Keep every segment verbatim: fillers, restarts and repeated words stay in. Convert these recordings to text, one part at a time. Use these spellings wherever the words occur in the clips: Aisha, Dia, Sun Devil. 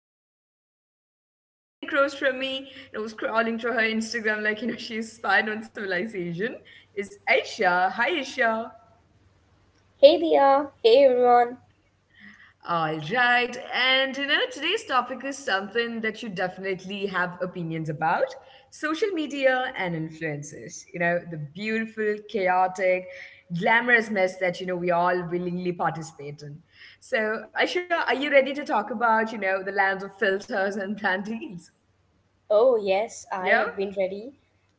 I am Dia here, and sitting across from me, and I was scrolling through her Instagram like you know she's spied on civilization, is Aisha. Hi Aisha. Hey Dia, hey everyone. All right. And you know, today's topic is something that you definitely have opinions about: social media and influences. You know, the beautiful, chaotic, glamorous mess that, you know, we all willingly participate in. So, Aisha, are you ready to talk about, you know, the lands of filters and planned deals? Oh yes, I Yeah? have been ready.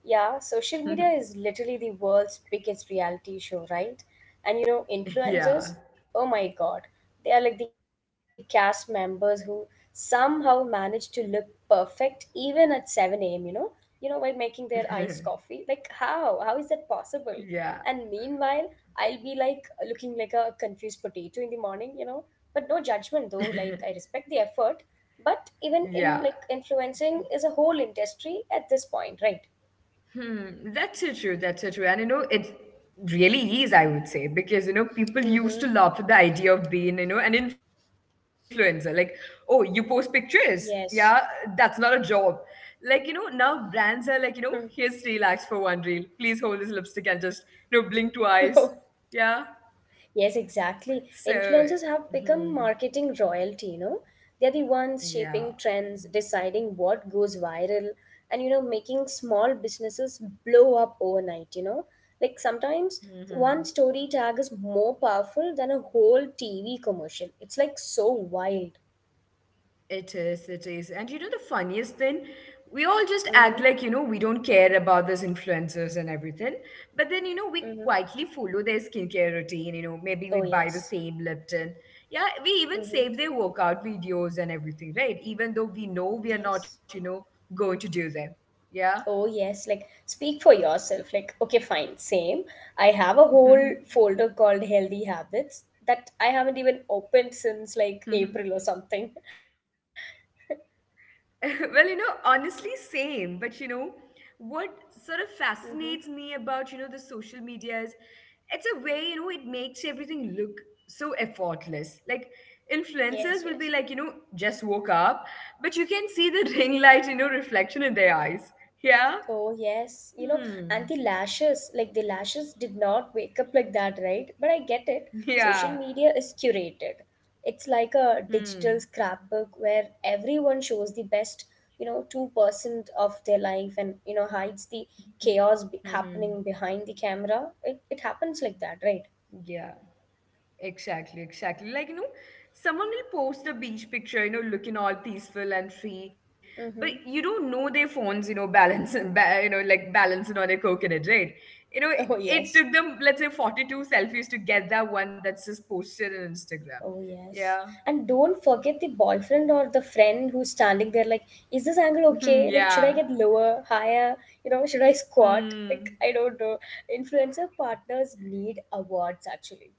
Yeah, social media is literally the world's biggest reality show, right? And you know, yeah. influencers, oh my god, they are like the cast members who somehow manage to look perfect even at seven a m, you know? You know, while making their iced coffee. Like how? How is that possible? yeah. And meanwhile, I'll be like looking like a confused potato in the morning, you know? But no judgment though, like I respect the effort, but even in Yeah. like influencing is a whole industry at this point, right? Hmm, that's so true. That's so true. And you know, it really is, I would say, because you know, people used to Mm-hmm. laugh at the idea of being, you know, an influencer. Like, oh, you post pictures. Yeah, that's Yes. not a job. Like, you know, now brands are like, you know, Hmm. here's three lakhs for one reel. Please hold this lipstick and just, you know, blink twice. Yeah. Yes, exactly, So, influencers have become hmm, marketing royalty, you know. They're the ones yeah. shaping trends, deciding what goes viral, and you know, making small businesses blow up overnight, you know. Like, sometimes Hmm. one story tag is more powerful than a whole TV commercial. It's like so wild. It is, it is. And you know the funniest thing? We all just Mm-hmm. act like, you know, we don't care about these influencers and everything. But then, you know, we Mm-hmm. quietly follow their skincare routine. You know, maybe we Oh buy the yes. same Lipton. Yeah, we even save their workout videos and everything, right? Even though we know we are not, you Yes. know, going to do them. Yeah. Oh, yes. Like, speak for yourself. Like, okay, fine, same. I have a whole folder called Healthy Habits that I haven't even opened since like April or something. Well, you know, honestly, same. But you know, what sort of Mm-hmm. fascinates me about, you know, the social media is it's a way, you know, it makes everything look so effortless. Like Yes, influencers will be yes. like, you know, just woke up, but you can see the ring light, you know, reflection in their eyes. Yeah. Oh yes, you know, and the Hmm. lashes, like the lashes did not wake up like that, right? But I get it. Social media Yeah. is curated. It's like a digital Hmm. scrapbook where everyone shows the best, you know, two percent of their life and, you know, hides the chaos be- Hmm. Hmm. happening behind the camera. It, it happens like that, right? Yeah. Exactly, exactly. Like, you know, someone will post a beach picture, you know, looking all peaceful and free, but Mm-hmm. you don't know their phones, you know, balancing, ba- you know, like balancing on a coconut, right? You know, Oh it yes. took them, let's say, forty-two selfies to get that one that's just posted on Instagram. Oh, yes. Yeah. And don't forget the boyfriend or the friend who's standing there, like, is this angle okay? Like, should I yeah. get lower, higher? You know, should I squat? Like, Hmm. I don't know. Influencer partners need awards, actually.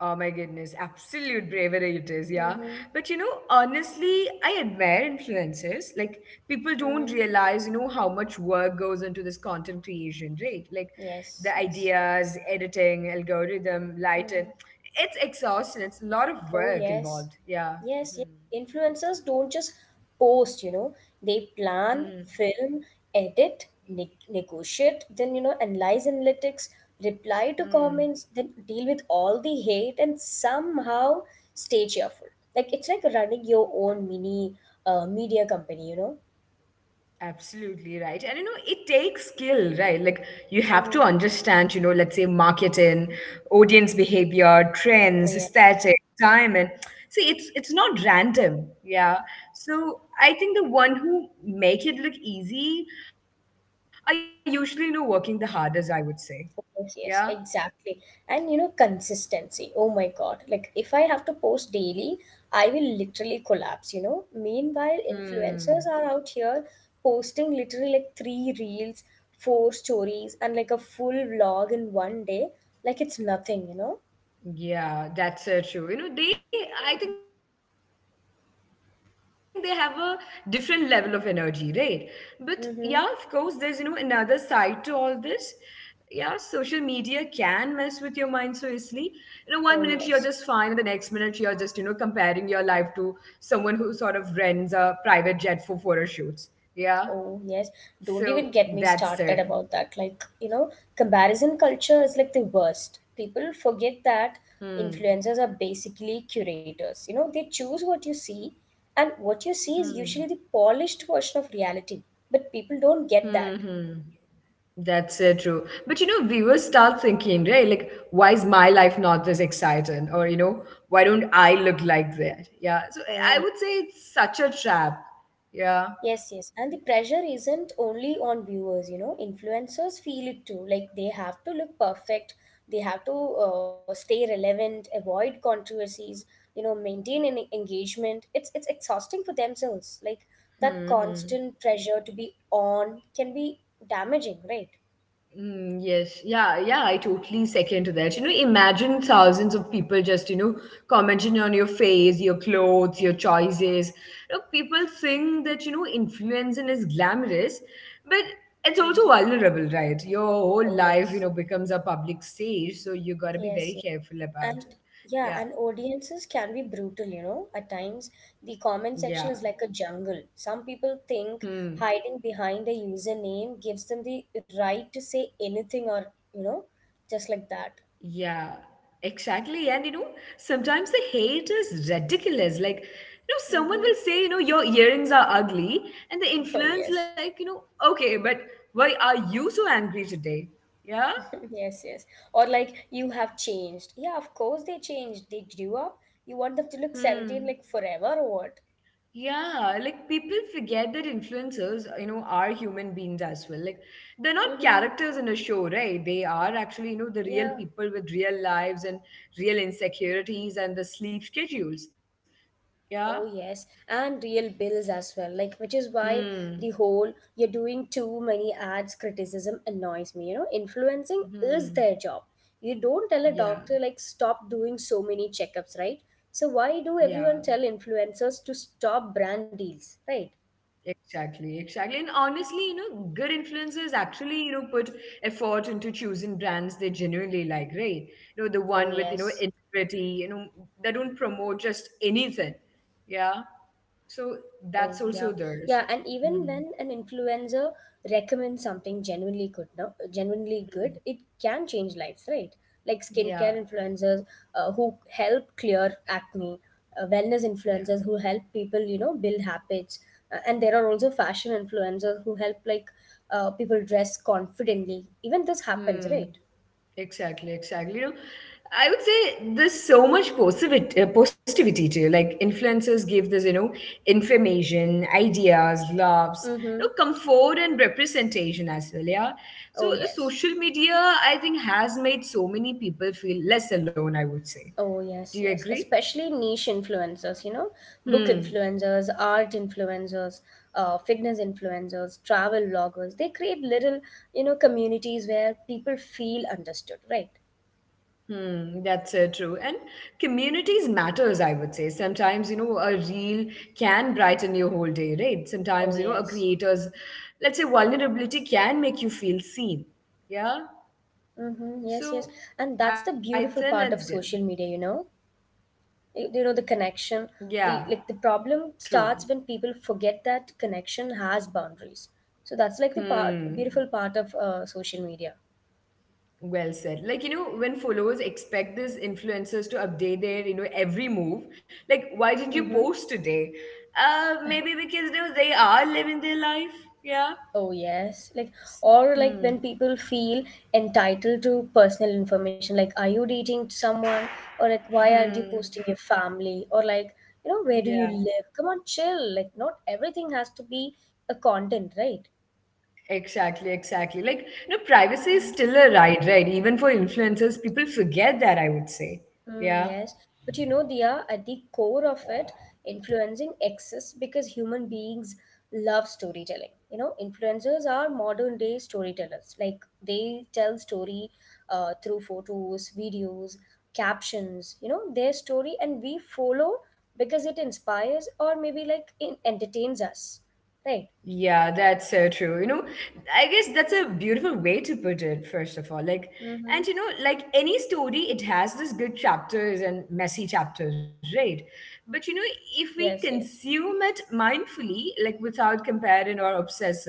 Oh my goodness, absolute bravery it is, yeah. Mm-hmm. But you know, honestly, I admire influencers. Like, people don't Mm-hmm. realize, you know, how much work goes into this content creation, right? Like, the Yes, yes. ideas, editing, algorithm, lighting. Mm-hmm. It's exhausting. It's a lot of Oh, work yes. involved, yeah. Yes, yes. Hmm. Influencers don't just post, you know, they plan, Hmm. film, edit, ne- negotiate, then, you know, analyze analytics, reply to comments, Hmm. then deal with all the hate and somehow stay cheerful. Like, it's like running your own mini uh, media company, you know? Absolutely right. And you know, it takes skill, right? Like you have to Mm-hmm. understand, you know, let's say marketing, audience behavior, Oh, trends, yeah. aesthetic, time and see it's it's not random. Yeah. So I think the one who make it look easy are usually, you know, working the hardest, I would say. Yeah. Yes, yes, exactly. And you know, consistency. Oh my God. Like, if I have to post daily, I will literally collapse, you know. Meanwhile, Hmm. influencers are out here posting literally like three reels, four stories, and like a full vlog in one day. Like, it's nothing, you know. Yeah, that's so true. You know, they, I think they have a different level of energy, right? But yeah, of course, there's, you know, another side to all Mm-hmm. this. Yeah, social media can mess with your mind so easily. You know, one minute you're just fine, and the next minute you're Oh, just, you know, yes. comparing your life to someone who sort of rents a private jet for photo shoots. Yeah. So Oh, yes. that's Don't there. even get me started about that. Like, you know, comparison culture is like the worst. People forget that Hmm. influencers are basically curators. You know, they choose what you see, and what you see is Hmm. usually the polished version of reality. But people don't get that. Hmm. Hmm. That's so true. But you know, viewers start thinking, right? Like, why is my life not this exciting? Or, you know, why don't I look like that? Yeah. So Oh. I would say it's such a trap. Yeah. Yes, yes. And the pressure isn't only on viewers, you know, influencers feel it too. Like, they have to look perfect, they have to uh, stay relevant, avoid controversies, you know, maintain an engagement. It's it's exhausting for themselves. Like, that Hmm. constant pressure to be on can be damaging, right? Mm, yes, yeah, yeah, I totally second to that. You know, imagine Mm-hmm. thousands of people just, you know, commenting on your face, your clothes, your choices. You know, people think that, you know, influencing is glamorous, but Mm-hmm. it's also vulnerable, right? Your Oh whole life, yes. you know, becomes a public stage, so you got to be Yes. very careful about And it. yeah, Yeah, and audiences can be brutal, you know. At times, the yeah. comment section is like a jungle. Some people think Hmm. hiding behind a username gives them the right to say anything or, you know, just like that. Yeah, exactly. And you know, sometimes the hate is ridiculous. Like, you know, someone Mm-hmm. will say, you know, your earrings are ugly, and the Oh, influence, yes. like, you know, okay, but why are you so angry today? Yeah? Yes, yes. Or like, you have changed. Yeah, of course they changed. They grew up. You want them to look seventeen like Hmm. forever or what? Yeah, like people forget that influencers, you know, are human beings as well. Like they're not Mm-hmm. characters in a show, right? They are actually, you know, the real Yeah. people with real lives and real insecurities and the sleep schedules. Yeah. Oh yes, and real bills as well. Like, which is why Hmm. the whole you're doing too many ads criticism annoys me. You know, influencing is Hmm. their job. You don't tell a Yeah. doctor like stop doing so many checkups, right? So why do Yeah. everyone tell influencers to stop brand deals, right? Exactly. Exactly. And honestly, you know, good influencers actually, you know, put effort into choosing brands they genuinely like, right? You know, the Oh, one with, you know, yes. integrity, you know, they don't promote just anything. Yeah. Oh, So yeah. that's Yeah, and also there. even So, when an mhm, influencer recommends something genuinely good, no, genuinely good, it mhm, can change lives, right? Like skincare yeah. influencers uh, who help clear acne, uh, wellness Yeah. influencers who help people, you know, build habits, uh, and there are also fashion influencers who help like uh, people dress confidently. Even this happens, Hmm. right? Exactly, exactly. You know, I would say there's so much positivity, uh, positivity to you. Like influencers give this, you know, information, ideas, laughs, Mm-hmm. you know, comfort and representation as well. Yeah. Oh, So the yes. social media, I think, has made so many people feel less alone. I would say. Oh, Do yes, you yes. agree? Especially niche influencers, you know, book Hmm. influencers, art influencers, uh, fitness influencers, travel bloggers. They create little, you know, communities where people feel understood, right? Hmm, that's uh, true. And communities matters, I would say. Sometimes, you know, a reel can brighten your whole day, right? Sometimes, Oh, you know, a yes. creator's, let's say, vulnerability can make you feel seen. Yeah. Mm-hmm. Yes, yes. And So that's the I beautiful think part of that's good. social media, you know, you, you know, the connection. The Yeah, like the problem starts true. when people forget that connection has boundaries. So that's like the part, Hmm. beautiful part of uh, social media. Well said. Like, you know, when followers expect these influencers to update their, you know, every move, like, why didn't Mm-hmm. you post today? Uh, maybe because, you know, they are living their life. Yeah. Oh, yes. Like, S- or like when Hmm. people feel entitled to personal information, like, are you dating someone? Or like, why aren't you Hmm. posting your family? Or like, you know, where do you Yeah. live? Come on, chill. Like, not everything has to be a content, right? Exactly. Exactly. Like, no, privacy is still a right, right? Even for influencers, people forget that, I would say. Mm, Yeah. yes, but you know, Diya, at the core of it, influencing exists because human beings love storytelling. You know, influencers are modern day storytellers. Like, they tell story uh, through photos, videos, captions. You know, their story, and we follow because it inspires or maybe like it entertains us, right? Yeah, that's so true. You know, I guess that's a beautiful way to put it, first of all. Like, and you Mm-hmm. know, like any story, it has these good chapters and messy chapters, right? But you know, if we Yes, yes. consume it mindfully, like without comparing or obsessing,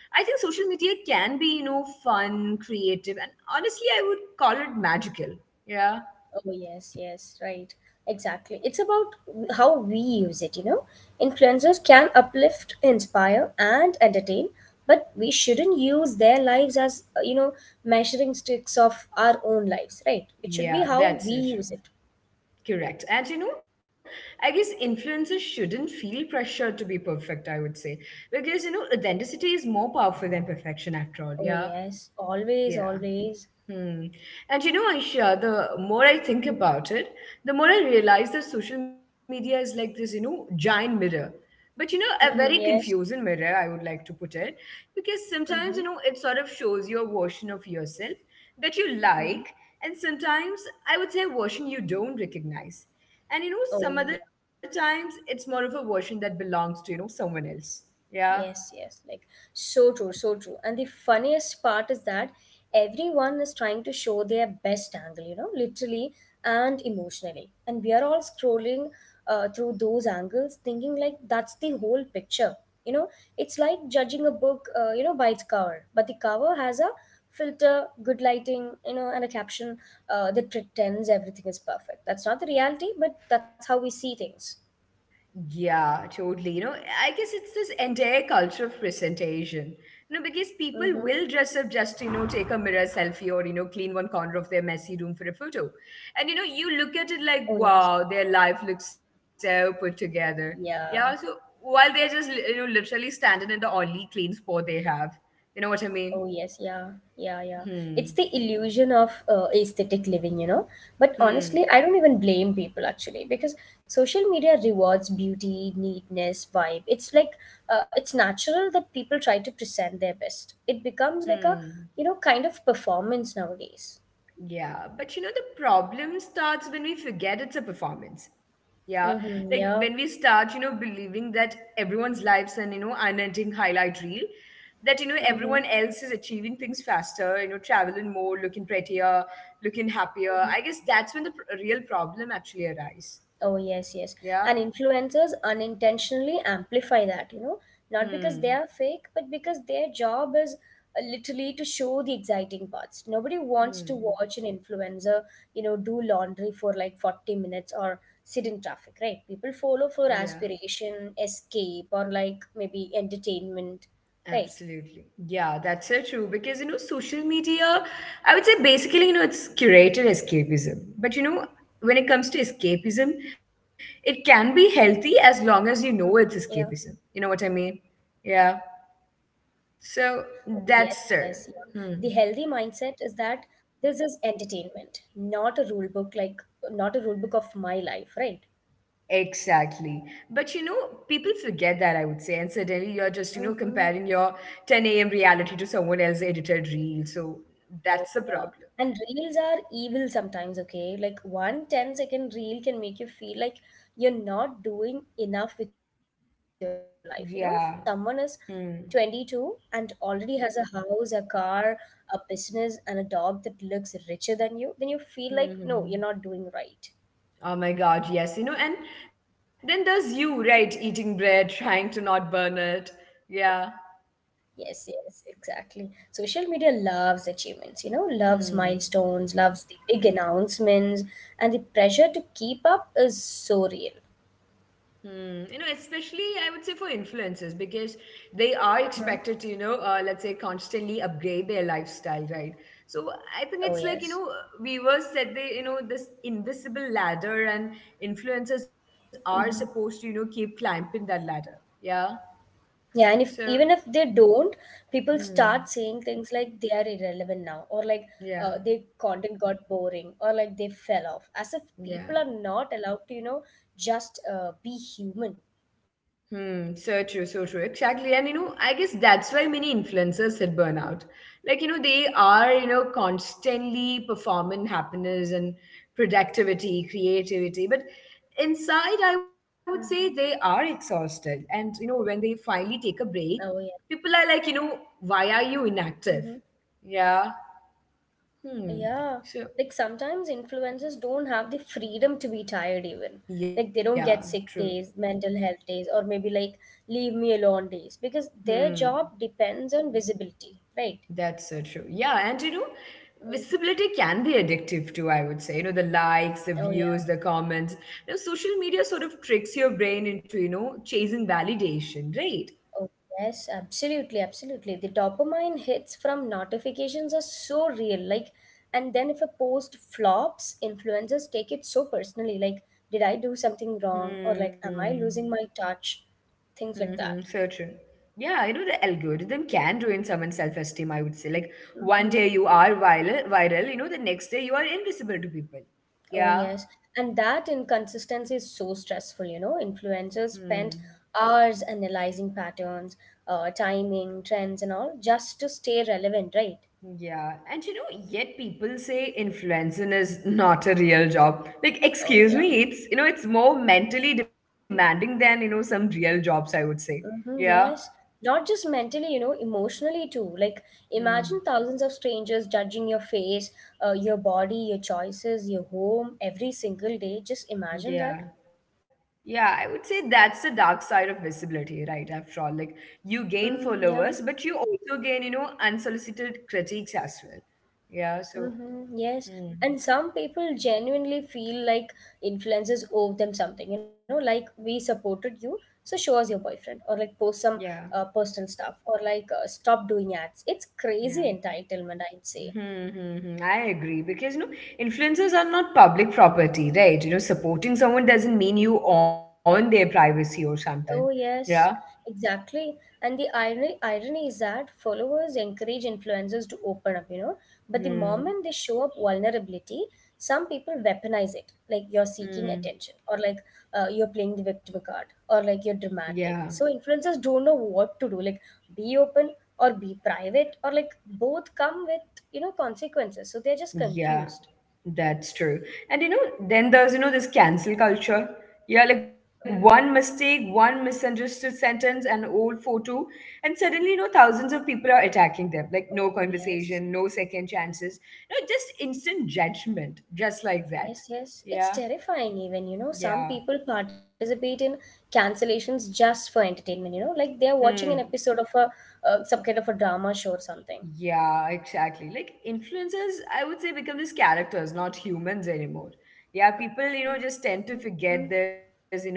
I think social media can be, you know, fun, creative, and honestly, I would call it magical. Yeah. Oh, yes, yes, right. Exactly. It's about how we use it, you know. Influencers can uplift, inspire, and entertain, but we shouldn't use their lives as, uh, you know, measuring sticks of our own lives, right? It should be Yeah, how that's we so true. use it. Correct. And you know, I guess influencers shouldn't feel pressure to be perfect, I would say. Because, you know, authenticity is more powerful than perfection after all. Oh, Yeah. yes. Always, Yeah. always. Hmm. And you know, Aisha, the more I think Mm-hmm. about it, the more I realize that social media is like this, you know, giant mirror. But you know, a very Mm-hmm. Yes. confusing mirror, I would like to put it, because sometimes, you Mm-hmm. know, it sort of shows you a version of yourself that you Mm-hmm. like, and sometimes I would say a version you don't recognize. And you know, some Oh. other times it's more of a version that belongs to, you know, someone else. Yeah. Yes, yes, like so true, so true. And the funniest part is that everyone is trying to show their best angle, you know, literally and emotionally. And we are all scrolling uh, through those angles, thinking like that's the whole picture. You know, it's like judging a book, uh, you know, by its cover. But the cover has a filter, good lighting, you know, and a caption uh, that pretends everything is perfect. That's not the reality, but that's how we see things. Yeah, totally. You know, I guess it's this entire culture of presentation. You know, because people will Mm-hmm. dress up just, to, you know, take a mirror selfie or, you know, clean one corner of their messy room for a photo. And, you know, you look at it like, Oh, yes. wow, their life looks so put together. Yeah, so Yeah. while they're just, you know, literally standing in the only clean spot they have. You know what I mean? Oh yes, yeah, yeah, yeah. Hmm. It's the illusion of uh, aesthetic living, you know. But Hmm. honestly, I don't even blame people actually because social media rewards beauty, neatness, vibe. It's like uh, it's natural that people try to present their best. It becomes like a, Hmm. you know, kind of performance nowadays. Yeah, but you know, the problem starts when we forget it's a performance. Yeah, Mm-hmm, like yeah. when we start, you know, believing that everyone's lives an, you know, unending highlight reel, that, you know, Mm-hmm, everyone else is achieving things faster, you know, traveling more, looking prettier, looking happier. mm-hmm. I guess that's when the pr- real problem actually arises. Oh, yes, Yeah. yes. And influencers unintentionally amplify that, you know, not because Hmm. they are fake, but because their job is uh, literally to show the exciting parts. Nobody wants to Hmm. watch an influencer, you know, do laundry for like forty minutes or sit in traffic, right? People follow Yeah. for aspiration, escape, or like maybe entertainment, right? Absolutely. Yeah, that's so true. Because, you know, social media, I would say basically, you know, it's curated escapism. But, you know, when it comes to escapism, it can be Mm-hmm. healthy as Yeah. long as you know it's escapism. You know what I mean? Yeah. Oh, yes, So yes, yeah. that's The it. healthy Hmm. mindset is that this is entertainment, not a rule book, like, not a rule book of my life, right? Exactly. But you know, people forget that, I would say. And suddenly you're just, you know, Mm-hmm. comparing your ten a m reality to someone else's edited reel. So Oh, yeah. that's the And problem. reels are evil sometimes, okay? Like, one ten second reel can make you feel like you're not doing enough with your life. You know, someone is Yeah. Hmm. twenty-two and already has a house, a car, a business, and a dog that looks richer than you, then you feel like, no, you're not doing Hmm. right. Oh my God, yes, you know, and then there's you, right, eating bread, trying to not burn it. Yeah. Yes, yes, exactly. Social media loves achievements, you know, loves Hmm. milestones, loves the big announcements, and the pressure to keep up is so real. Hmm. You know, especially I would say for influencers because they are Mhm. expected to, you know, uh, let's say constantly upgrade their lifestyle, right? So Oh, I think it's yes. like, you know, viewers said they, you know, this invisible ladder and influencers are Mhm. supposed to, you know, keep climbing that ladder. Yeah. Yeah, and if So, even if they don't, people start hmm. saying things like they are irrelevant now, or like uh, Yeah. their content got boring, or like they fell off, as if people Yeah. are not allowed to, you know, just uh, be human. Hmm, so true, so true. Exactly. And you know, I guess that's why many influencers hit burnout. Like, you know, they are, you know, constantly performing happiness and productivity, creativity. But inside, I would say they are Mhm. exhausted. And, you know, when they finally take a break, Oh, yeah. people are like, you know, why are you inactive? Mm-hmm. Yeah. Hmm. Yeah, So, like sometimes influencers don't have the freedom to be tired, even. yeah, Like, they don't get true. sick days, mental health days, or maybe like leave me alone days because their Hmm. job depends on visibility, right? That's so true. Yeah, and you know, Mm. visibility can be addictive too, I would say. You know, the likes, the Oh, yeah. views, the comments. You know, social media sort of tricks your brain into, you know, chasing validation, right? Oh, yes, absolutely, absolutely. The dopamine hits from notifications are so real. Like, and then if a post flops, influencers take it so personally. Like, did I do something wrong? Or like, am I Hmm. losing my touch? Things Mm-hmm. like that. So true. Yeah, you know, the algorithm can ruin someone's self-esteem, I would say. Like one Mhm. day you are viral, viral, you know, the next day you are invisible to people. Oh, Yeah. yes. And that inconsistency is so stressful, you know. Hmm. Influencers spend hours analyzing patterns, uh, timing, trends, and all just to stay relevant, right? Yeah, and you know, yet people say influencing is not a real job. Like, Oh, excuse yeah. me, it's you know, it's more mentally demanding than you know some real jobs. I would say. Mm-hmm, Yeah. yes. Not just mentally, you know, emotionally too. Like, imagine thousands Mm, of strangers judging your face, uh, your body, your choices, your home every single day. Just imagine that. yeah. Yeah, I would say that's the dark side of visibility, right? After all, like you gain Mm, yeah. followers, but you also gain, you know, unsolicited critiques as well. Yeah. So, Mm-hmm, yes. mm, And some people genuinely feel like influencers owe them something, you know, like we supported you, so show us your boyfriend, or like post some yeah, uh, personal stuff, or like uh, stop doing ads. It's crazy yeah. entitlement, I'd say. Hmm, hmm, hmm. I agree because you know influencers are not public property, right? You know, supporting someone doesn't mean you own their privacy or something. Oh, Yeah. yes, exactly. And the irony, irony is that followers encourage influencers to open up, you know, but the Hmm. moment they show up vulnerability, some people weaponize it. Like, you're seeking Hmm. attention, or like uh, you're playing the victim card, or like you're Yeah. dramatic. So influencers don't know what to do. Like, be open or be private, or like both come with, you know, consequences. So they're just Yeah. confused. That's true. And you know, then there's Mhm. you know this cancel culture. Yeah, like one Mhm. mistake, one misunderstood sentence, an old photo, and suddenly you know thousands of people are attacking them. Like no Oh, conversation, no yes. second chances, no just instant judgment, just like that. Yes, yes. Yeah. It's terrifying, even. You know, Yeah. some people participate in cancellations just for entertainment, you know, like they're Hmm. watching an episode of a uh, some kind of a drama show or something. Yeah, exactly. Like influencers, I would say, become these characters, not humans anymore. Yeah, people, you know, Mm-hmm. just tend to forget there's, you know,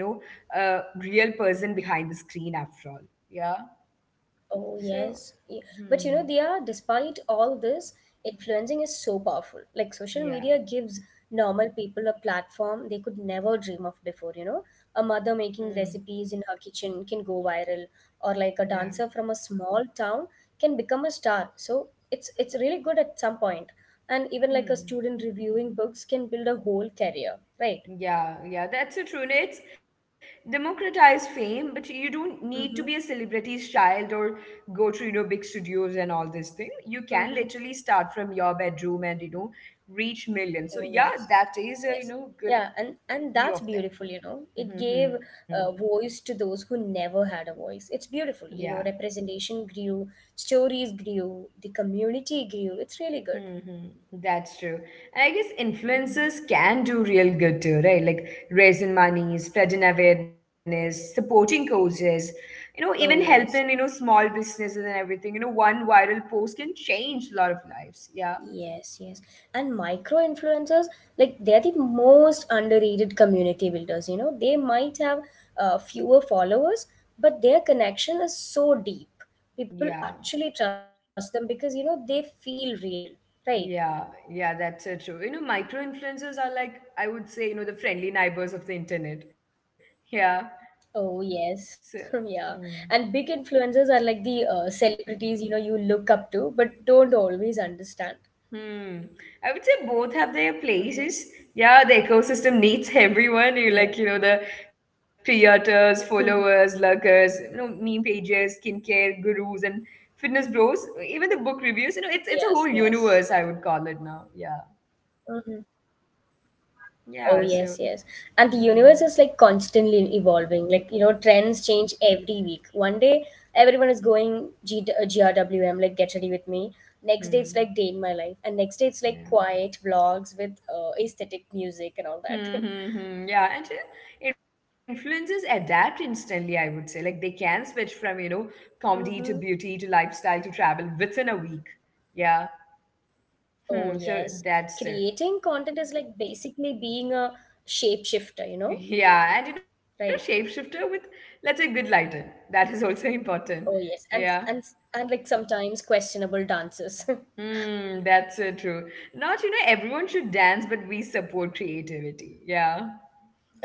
a real person behind the screen after all. Yeah. Oh, yes. Y- But you So, know, they are, despite hmm. all this, influencing is so powerful. Like, social media gives Yeah. normal people a platform they could never dream of before, you know? A mother making Hmm. recipes in her kitchen can go viral, or like a dancer Yeah. from a small town can become a star. So, it's it's really good at some point. And even like a student Hmm. reviewing books can build a whole career, right? Yeah, yeah, that's so true. And it's democratized fame, but you don't need Mm-hmm. to be a celebrity's child or go to, you know, big studios and all this thing. You can Mm-hmm. literally start from your bedroom and, you know, reach millions. So Oh yeah, yes, that is a, you yes, know, good yeah, and and view that's of that. beautiful. You know, it gave Hmm. a voice to those who never had a voice. It's beautiful. You Yeah. know, representation grew, stories grew, the community grew. It's really good. Mm-hmm. That's true. And I guess Mhm. influencers can do real good too, right? Like raising money, spreading awareness, supporting causes, you know, even Oh helping, you know, yes, small businesses and everything. You know, one viral post can change a lot of lives. Yeah. yes, yes. And micro influencers, like they're the most underrated community builders. You know, they might have uh, fewer followers, but their connection is so deep. People Yeah. actually trust them because you know they feel real, right? Yeah. Yeah. That's so true. You know, micro influencers are like, I would say, you know, the friendly neighbors of the internet. Yeah. Oh So, yes, yeah. hmm. And big influencers are like the uh, celebrities you know you look up to, but don't always understand. Hmm. I would say both have their Mm-hmm. places. Yeah, the ecosystem needs everyone. You like, you Yeah. know, the creators, followers, Mhm. lurkers, you know, meme pages, skincare gurus, and fitness bros. Even the book reviews. You know, Yes. it's it's a whole Yes. universe. I would call it now. Yeah. Mm-hmm. Oh Yeah. yes. So. Yes. And the universe Hmm. is like constantly evolving. Like you know, trends change every week. One day everyone is going G- uh, G R W M, like get ready with me. Next day it's Hmm. like day in my life, and next day it's like Yeah. quiet vlogs with uh, aesthetic music and all Hmm, that. hmm, hmm. Yeah, and you know, influencers adapt instantly, I would say. Like they can switch from, you know, Mm-hmm. comedy to beauty to lifestyle to travel within a week. Yeah. Oh, Hmm, yes. so that's the, Creating content is like basically being a shapeshifter, you know? yeah, and you know, Right. shapeshifter with let's say good lighter. That is also important. Oh, yes. Yeah. And and and like sometimes questionable dances. Hmm, that's so true. Not, you know, everyone should dance, but we support creativity. Yeah.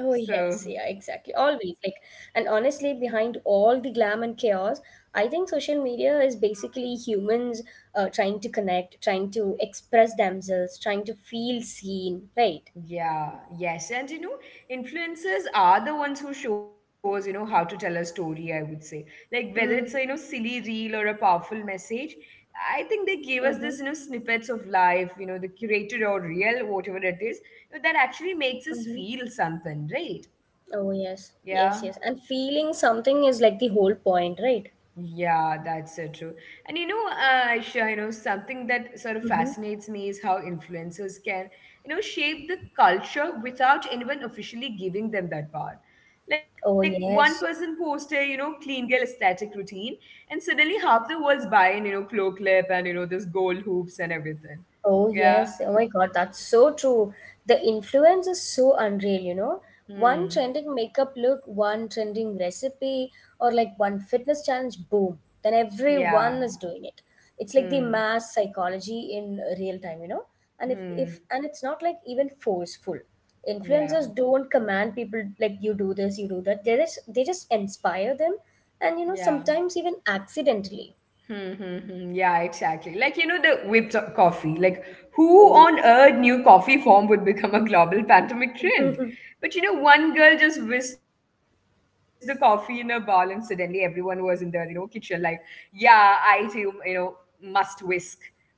Oh, So yes. Yeah, exactly. Always like and honestly behind all the glam and chaos, I think social media is basically humans uh, trying to connect, trying to express themselves, trying to feel seen, right? yeah, yes. And you know, influencers are the ones who show us, you know, how to tell a story, I would say. Like whether it's a, you know, Mm, silly reel or a powerful message, I think they give us this, you mm-hmm, know, snippets of life, you know, the curated or real, whatever it is, that actually makes us mm-hmm. feel something, right? Oh, yes. Yeah. Yes, yes. And feeling something is like the whole point, right? Yeah, that's so true. And you know, uh, Aisha, you know, something that sort of Mm-hmm. fascinates me is how influencers can, you know, shape the culture without anyone officially giving them that power. Like Oh, one person yes. posted, you know, clean girl aesthetic routine, and suddenly half the world's buying, you know, claw clip and you know this gold hoops and everything. Oh, Yeah. yes. Oh, my God. That's so true. The influence is so unreal, you know? One Hmm. trending makeup look, one trending recipe, or like one fitness challenge, boom. Then everyone Yeah. is doing it. It's like the Hmm. mass psychology in real time, you know? And if, Hmm. if and it's not like even forceful. Yeah. Influencers don't command people like you do this, you do that. They just they just inspire them and you know Yeah. sometimes even accidentally. Hmm, hmm, hmm. Yeah, exactly. Like, you know, the whipped coffee. Like, who Oh on earth knew coffee form would become a global pandemic trend? yeah. But, you know, one girl just whisked the coffee in a bowl and suddenly everyone was in the, you know, kitchen like, yeah, I too, you know, must whisk. Yeah.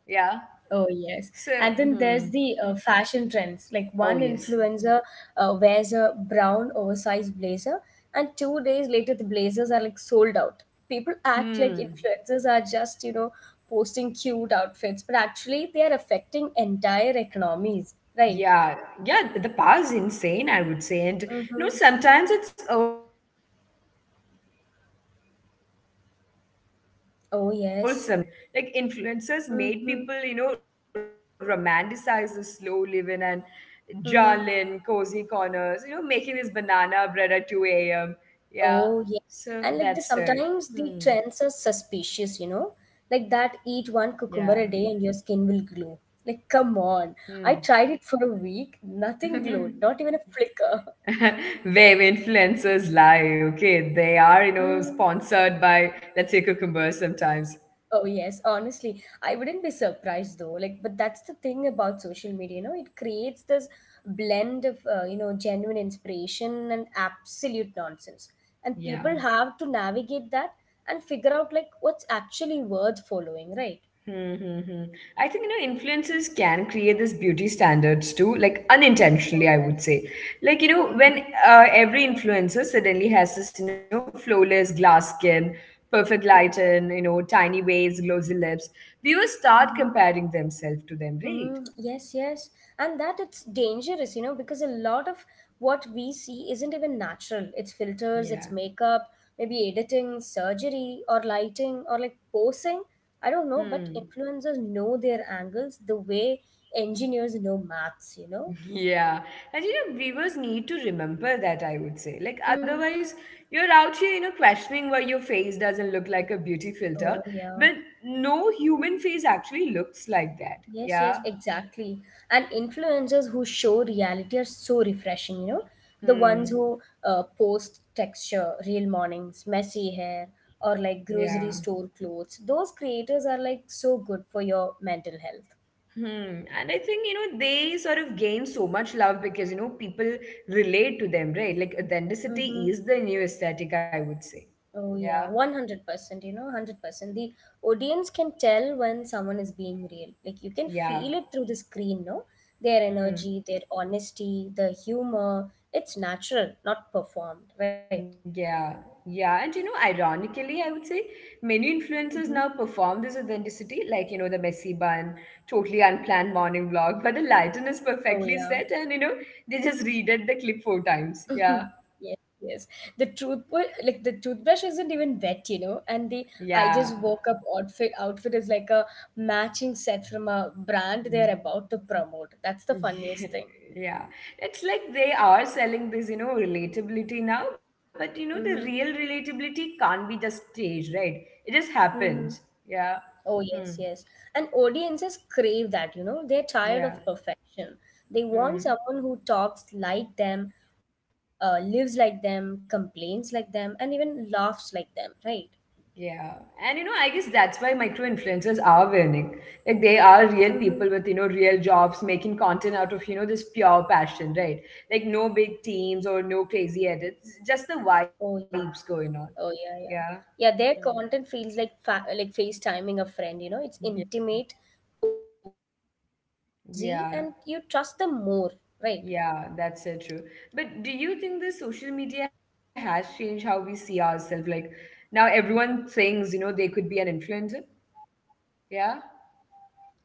Oh So, yes, and then hmm. there's the uh, fashion trends. Like Oh, one yes. influencer uh, wears a brown oversized blazer, and two days later the blazers are like sold out. People act like Hmm. influencers are just you know posting cute outfits, but actually they are affecting entire economies, right? Yeah, yeah, the power is insane, I would say. And you know, Mm-hmm. sometimes it's wholesome, like you know, the cottage code or reading blogs, you know, Oh becoming a yes. thing. Like influencers Mm-hmm. made people, you know, romanticize the slow living and Mm-hmm. journal in cozy corners, you know, making this banana bread at two a m. Yeah. Oh, yeah. So And that's like the it. sometimes Hmm. the trends are suspicious, you know? Like that eat one Yeah. cucumber a day and your skin will glow. Like, come on. I Hmm. tried it for a week, nothing glowed, not even a flicker. where influencers lie. Okay, they are you know Mm. sponsored by let's say Cucumber sometimes. Oh, yes, honestly, I wouldn't be surprised though. Like, but that's the thing about social media, you know, it creates this blend of, uh, you know, genuine inspiration and absolute nonsense. And Yeah. people have to navigate that and figure out like what's actually worth following, right? Hmm, hmm, hmm. I think you know influencers can create this beauty standards too, like Oh, unintentionally, I would yes. say. Like you know when Mm-hmm. uh, every influencer suddenly has this you know flawless glass skin, perfect lighting, you know tiny waist, glossy lips, viewers start Mm-hmm. comparing themselves to them, right? Mm, yes, yes. And that it's dangerous, you know, because a lot of what we see isn't even natural. It's filters, Yeah. it's makeup, maybe editing, surgery, or lighting, or like posing. I don't know, but Hmm. influencers know their angles the way engineers know maths, you know? Yeah. And you know, viewers need to remember that, I would say. Like, Mm. otherwise, you're out here, you know, questioning why your face doesn't look like a beauty Oh, filter. yeah. But no human face actually looks like that. Yes, yes, Yeah. exactly. And influencers who show reality are so refreshing, you know. The ones Hmm. who uh, post texture, real mornings, messy hair, or like Yeah. grocery store clothes. Those creators are like so good for your mental health. Hmm. And I think, you know, they sort of gain so much love because, you know, people relate to them, right? Like, Mm-hmm. authenticity is the new aesthetic, I would say. Oh, Yeah. yeah, one hundred percent, you know, one hundred percent. The audience can tell when someone is being real. Like, you can Yeah. feel it through the screen, no? Their Hmm. energy, their honesty, the humor. It's natural, not performed, right? Yeah, yeah, and you know, ironically, I would say many influencers Mm-hmm. now perform this authenticity, like you know, the messy bun, totally unplanned morning vlog, but the lighting is Oh perfectly yeah. set, and you know, they just redid the clip four times. Yeah, Yes, yes. The toothbrush, like the toothbrush isn't even wet, you know, and the I yeah, just woke up outfit outfit is like a matching set from a brand they are about to promote. That's the funniest thing. yeah. It's like they are selling this, you know, relatability now, but you know, the real Mm-hmm. relatability can't be just staged, right? It just happens. Mm-hmm. Yeah. Oh Hmm. yes, yes. And audiences crave that, you know. They're tired Yeah. of perfection. They want Hmm. someone who talks like them, uh, lives like them, complains like them, and even laughs like them, right? Yeah, and you know, I guess that's why micro influencers are winning. Like they are real people Mm-hmm. with you know real jobs making content out of you know this pure passion, right? Like no big teams or no crazy edits, just the vibes Oh going on. Oh Yeah. yeah, yeah, yeah. Hmm. Their content feels like fa like FaceTiming a friend. You know, it's Yeah, intimate, cozy, and you trust them more, yeah, right? yeah. That's so true. But do you think the social media has changed how we see ourselves? Like now, everyone thinks you know they could be an influencer. Yeah,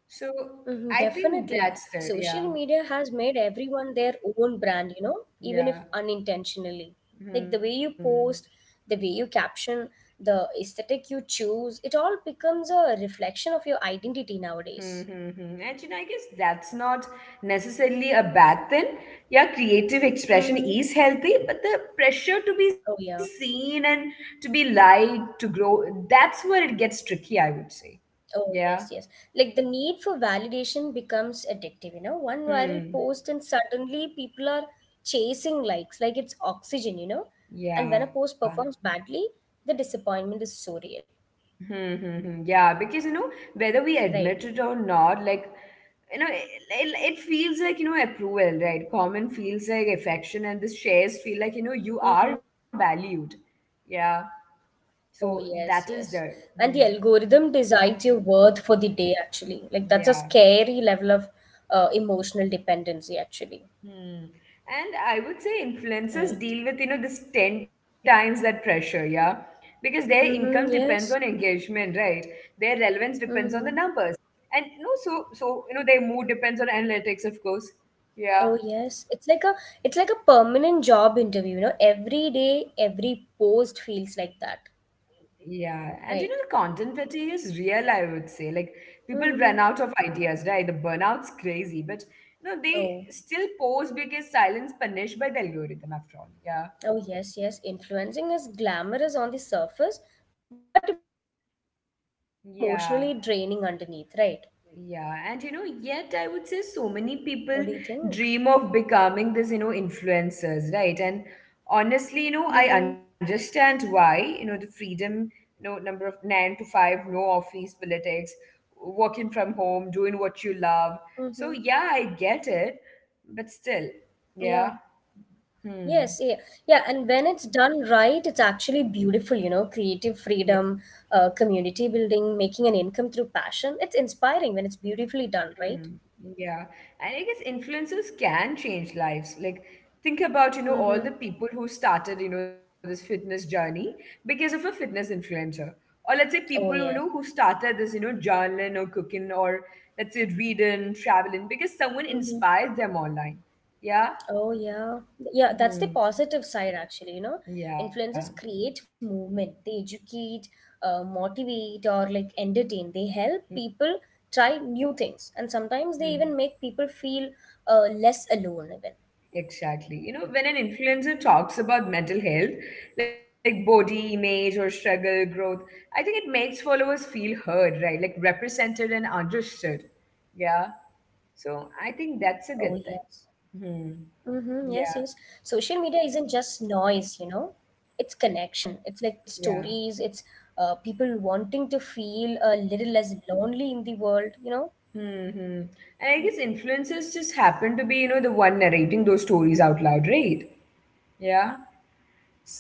so Hmm, I think definitely. that's it. Yeah, Social media has made everyone their own brand. You know, even if yeah. unintentionally, like the way Hmm. you post, the way you caption, the aesthetic you choose, it all becomes a reflection of your identity Hmm, nowadays. hmm, hmm. And you know, I guess that's not necessarily a bad thing. Yeah, creative expression Mm-hmm. is healthy, but the pressure to be Oh seen yeah. and to be liked, to grow, that's where it gets tricky, I would say. Oh, Yeah. yes, yes. Like the need for validation becomes addictive, you know. One viral Hmm. post, and suddenly people are chasing likes like it's oxygen, you know. And when a Yeah. post performs badly, the disappointment is so real, Hmm, hmm, hmm. Yeah, because you know, whether we right? admit it or not, like you know, it, it, it feels like you know approval, right? Common feels like affection, and the shares feel like you know you Mm-hmm. are valued. Yeah. So Oh, that yes, is there. yes. Hmm. And the algorithm decides your worth for the day, actually. Like that's a Yeah. scary level of uh, emotional dependency, actually, Hmm. And I would say influencers right? deal with, you know, this ten times that pressure, yeah? Because their income Mm-hmm. depends on Yes. engagement, right? Their relevance depends on the Mm-hmm. numbers. And you know, so so you know, their mood depends on analytics, of course. Yeah. Oh yes, it's like a it's like a permanent job interview, you know. Every day, every post feels like that, Yeah, and you know, the right? content fatigue is real, I would say. Like, people run out of Mm-hmm. ideas, right? The burnout's crazy, but no, they Oh, still pose because silence punished by the algorithm, after all. Yeah. oh yes, yes. Influencing is glamorous on the surface, but emotionally Yeah. draining underneath, right? Yeah, and you know, yet I would say so many people What do you dream think? of becoming this, you know, influencers, right? And honestly, you know, I understand Mm-hmm. why, you know, the freedom, you know, number of nine to five, no office politics, working from home, doing what you love. So, yeah, I get Mm-hmm. it, but still, Yeah. yeah. Yes, yeah, Hmm. yeah, and when it's done right, it's actually beautiful, you know, creative freedom, uh, community building, making an income through passion. It's inspiring when it's beautifully done, right? Mm, yeah. And I guess influencers can change lives. Like, think about, you know, all the Mm-hmm. people who started, you know, this fitness journey because of a fitness influencer. Or let's say people you know who Oh yes. started this, you know, journaling or cooking or let's say reading, traveling, because someone Hmm. inspires them online. Yeah. Oh yeah. Yeah, that's the Hmm. positive side actually, you know. Yeah. Influencers create movement. They educate, uh, motivate or like entertain. They help people try new things and sometimes they even Mm-hmm. make people feel uh, less alone even. Exactly. You know, when an influencer talks about mental health, like body image or struggle, growth, I think it makes followers feel heard, right? Like represented and understood. Yeah. Oh yes. So I think that's a good thing. Mm-hmm. Yes, yes. Hmm. Social media isn't Yeah. just noise, you know. It's connection. It's like it's stories, it's Yeah. uh, people wanting to feel a little less lonely in the world, you know. Hmm. Hmm. And I guess influencers just happen to be, you know, the one narrating those stories out loud, right? Yeah.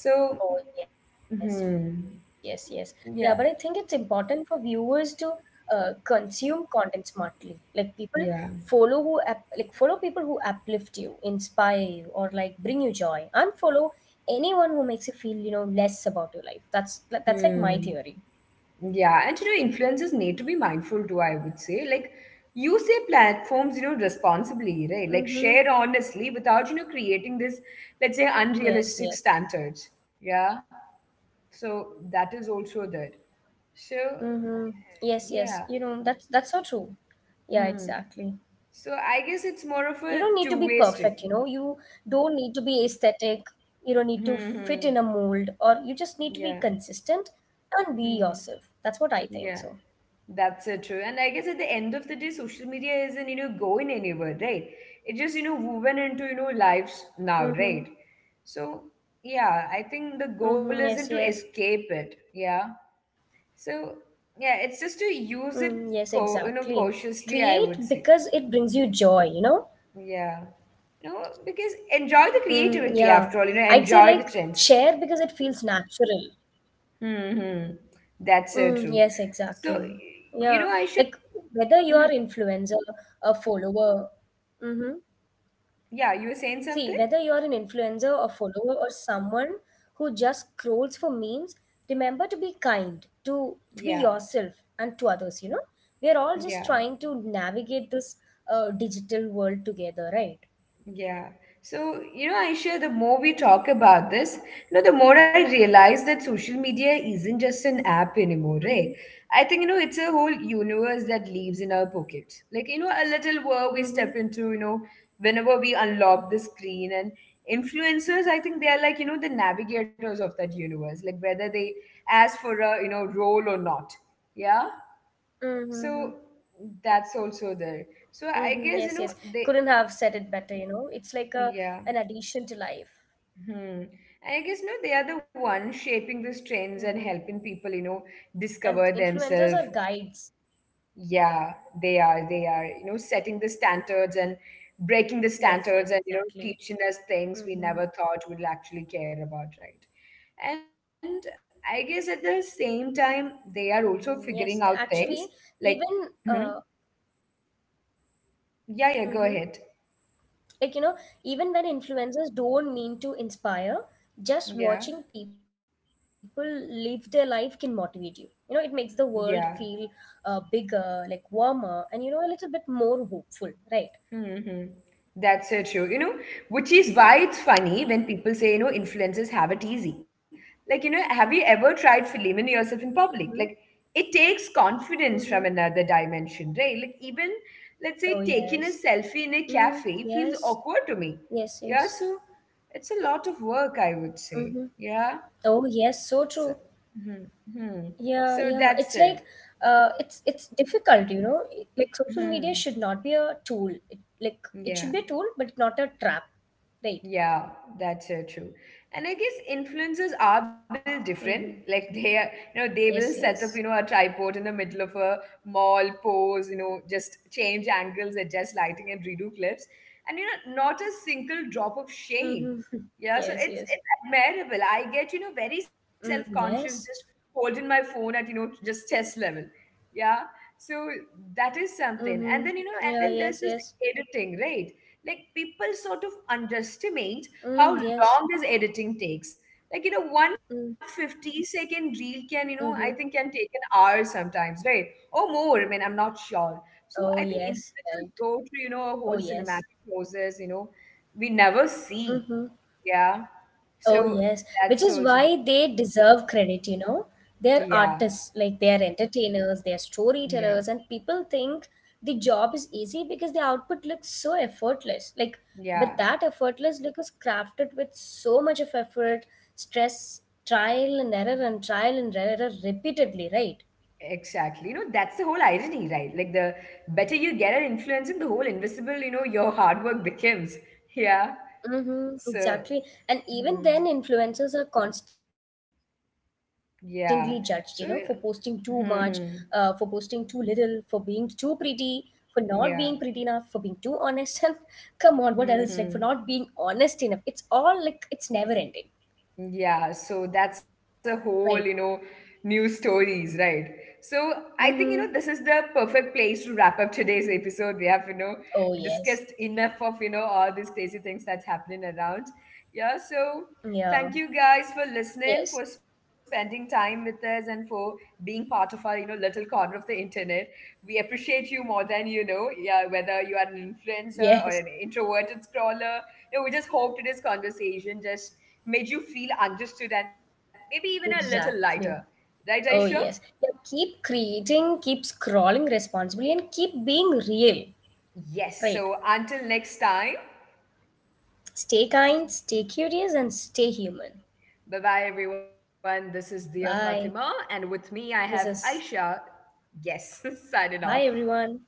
Oh, yes, yes, yes. Yeah, but I hmm. think it's important for Yeah. viewers to uh, consume content smartly. Like people follow who up, like Yeah. follow people who uplift you, inspire you, or like bring you joy. Unfollow anyone who makes you feel, you know, less about your life. That's that's like my theory. Hmm. Yeah, and you know, influencers need to be mindful too, I would say. Like, use their platforms, you know, responsibly, right? Like, Mm-hmm. share honestly without, you know, creating this, let's say, Yes, yes. unrealistic standards. Yeah. So, that is also there. So, Mm-hmm. Yes, yes. yeah. You know, that's that's so true. Yeah, Hmm. exactly. So, I guess it's more of You a don't need to two be way perfect, street. you know. You don't need to be aesthetic. You don't need to Hmm. fit Hmm. in a mold, or you just need to Yeah. be consistent and be Hmm. yourself. That's what I Yeah. think. So That's so true. And I guess at the end of the day, social media isn't, you know, going anywhere, right? It just, you know, woven into, you know, lives now, right? mm-hmm. So, yeah, I think the goal Mm-hmm. isn't to Yes, yes. escape it. Yeah. So, yeah, it's just to Mm, yes, use it, exactly. Co- you know, create cautiously, I because would it say. brings you joy, you know. Yeah. You know, because enjoy the Mm, creativity yeah. after all, you know, I'd say like enjoy the trends. share because it feels natural. Mm-hmm. That's so Mm, true. yes, So, exactly. You yeah, know, I should, like whether you're mhm, influencer, a follower. Mm-hmm. yeah, you were saying something? See, whether you're an influencer, a follower, or someone who just scrolls for memes, remember to be kind, to, Yeah. to be yourself and to others, you know? We're Yeah. all just trying to navigate this uh, digital world together, right? Yeah. So, you know, Aisha, the more we talk about this, you know, the more I realize that social media isn't just Mm-hmm. an app anymore, right? I think, you know, it's a whole universe that lives in our pockets. Like, you know, a little Mm-hmm. world we step into, you know, whenever we unlock the screen. And influencers, I think they are like, you know, the navigators of that universe, like whether they ask for a, you know, role or not. Yeah. Mm-hmm. So that's also there. So I Mm-hmm. guess, you Yes, yes. know, they, Couldn't have said it better, you know? It's like a yeah. an addition to life. Hmm. I guess no, they are the ones Mm-hmm. shaping these trends and helping people, you know, And influencers are discover guides. themselves. Yeah, they are. They are, you know, setting the standards and Yes, yes, breaking the exactly. standards and, you know, teaching us Mm-hmm. things we never thought we'd actually care about, right? And I guess at the same time, they are also figuring out Mm-hmm. things Yes, like, actually, hmm even uh, yeah, yeah, go ahead. mm-hmm. Like, you know, even when influencers don't mean to inspire, Yeah, just watching people live their life can motivate you. You know, it makes the world yeah. feel uh, bigger, like warmer, and, you know, a little bit more hopeful, right? Mm-hmm. That's so true. You know, which is why it's funny when people say, you know, influencers have it easy. Like, you know, have you ever tried filming yourself in public? Like, Mm-hmm. it takes confidence from Mm-hmm. another dimension, right? Like, even, let's say, Oh, taking a yes. selfie in a Mm, cafe feels yes. awkward to me. Yes, Yeah, yes. so it's a lot of work, I would say. Mm-hmm. Yeah. Oh, yes. So So, true. hmm hmm. Yeah, so yeah. that's It's it. like, uh, it's it's difficult, you know. It- Like social media Hmm. should not be a tool. It, like it Yeah. should be a tool, but not a trap, right? Yeah, that's so true. And I guess influencers Mm-hmm. are built different. Like they are, Yes, you know, yes. they will set up, you know, a tripod in the middle of a mall, pose, you know, just change angles, adjust lighting, and redo clips. And you know, not a single drop of shame. Mm-hmm. Yeah, so Yes, it's yes. it's admirable. I get, you know, very Mm, self-conscious just yes. holding my phone at, you know, just chest level. Yeah. So that is something. And then, Mm-hmm. you know, and then Yeah, there's yes, this yes. editing, right? Like people sort of underestimate how Mm, yes. long this editing takes, like, you know, one Mm, fifty-second reel can, you know, I mm-hmm. think can take an hour sometimes, right? Or more, I mean, I'm not sure. So I Oh, think yes, influencers right. go through, you know, a whole Oh, cinematic yes. process, you know, we never see. Mm-hmm. Yeah. Oh, So yes, which that's is also the, why they deserve credit, you know. yeah, They're artists, like they are entertainers, they are yeah, storytellers, and people think the job is easy because the output looks so effortless. Like, yeah. but that effortless look is crafted with so much of effort, stress, trial and error, and trial and error repeatedly, right? Exactly. You know, that's the whole irony, right? Like the better you get at influencing the whole invisible, you know, your hard work becomes. Yeah. Mm-hmm, So, exactly. And even mhm, then, influencers are constantly judged, you know, for posting too yeah. much, So, yeah. uh, for posting too little, hmm for being too pretty, for not being pretty enough, for being too Yeah. honest. And come on, what else? Like, for not being honest hmm enough. It's all like, it's never ending, Yeah, so that's a right? whole, you know, new stories, right? So I think, you know, Mm-hmm. this is the perfect place to wrap up today's episode. We have, you know, Oh, discussed yes. enough of, you know, all these crazy things that's happening around. Yeah, so Yeah. thank you guys for listening, Yes. for spending time with us, and for being part of our, you know, little corner of the internet. We appreciate you more than you know. Yeah, whether you are an influencer or Yes. an introverted scroller, you know, we just hope today's conversation just made you feel understood and maybe even a little lighter, Exactly. right, Aisha? Oh, yes. Yeah, keep creating, keep scrolling responsibly, and keep being real, Yes, right? so until next time, Stay kind, stay curious, and stay human. bye bye everyone. This is Dia Fatima Bye. and with me I have This Aisha. is Yes, signing off. bye, everyone.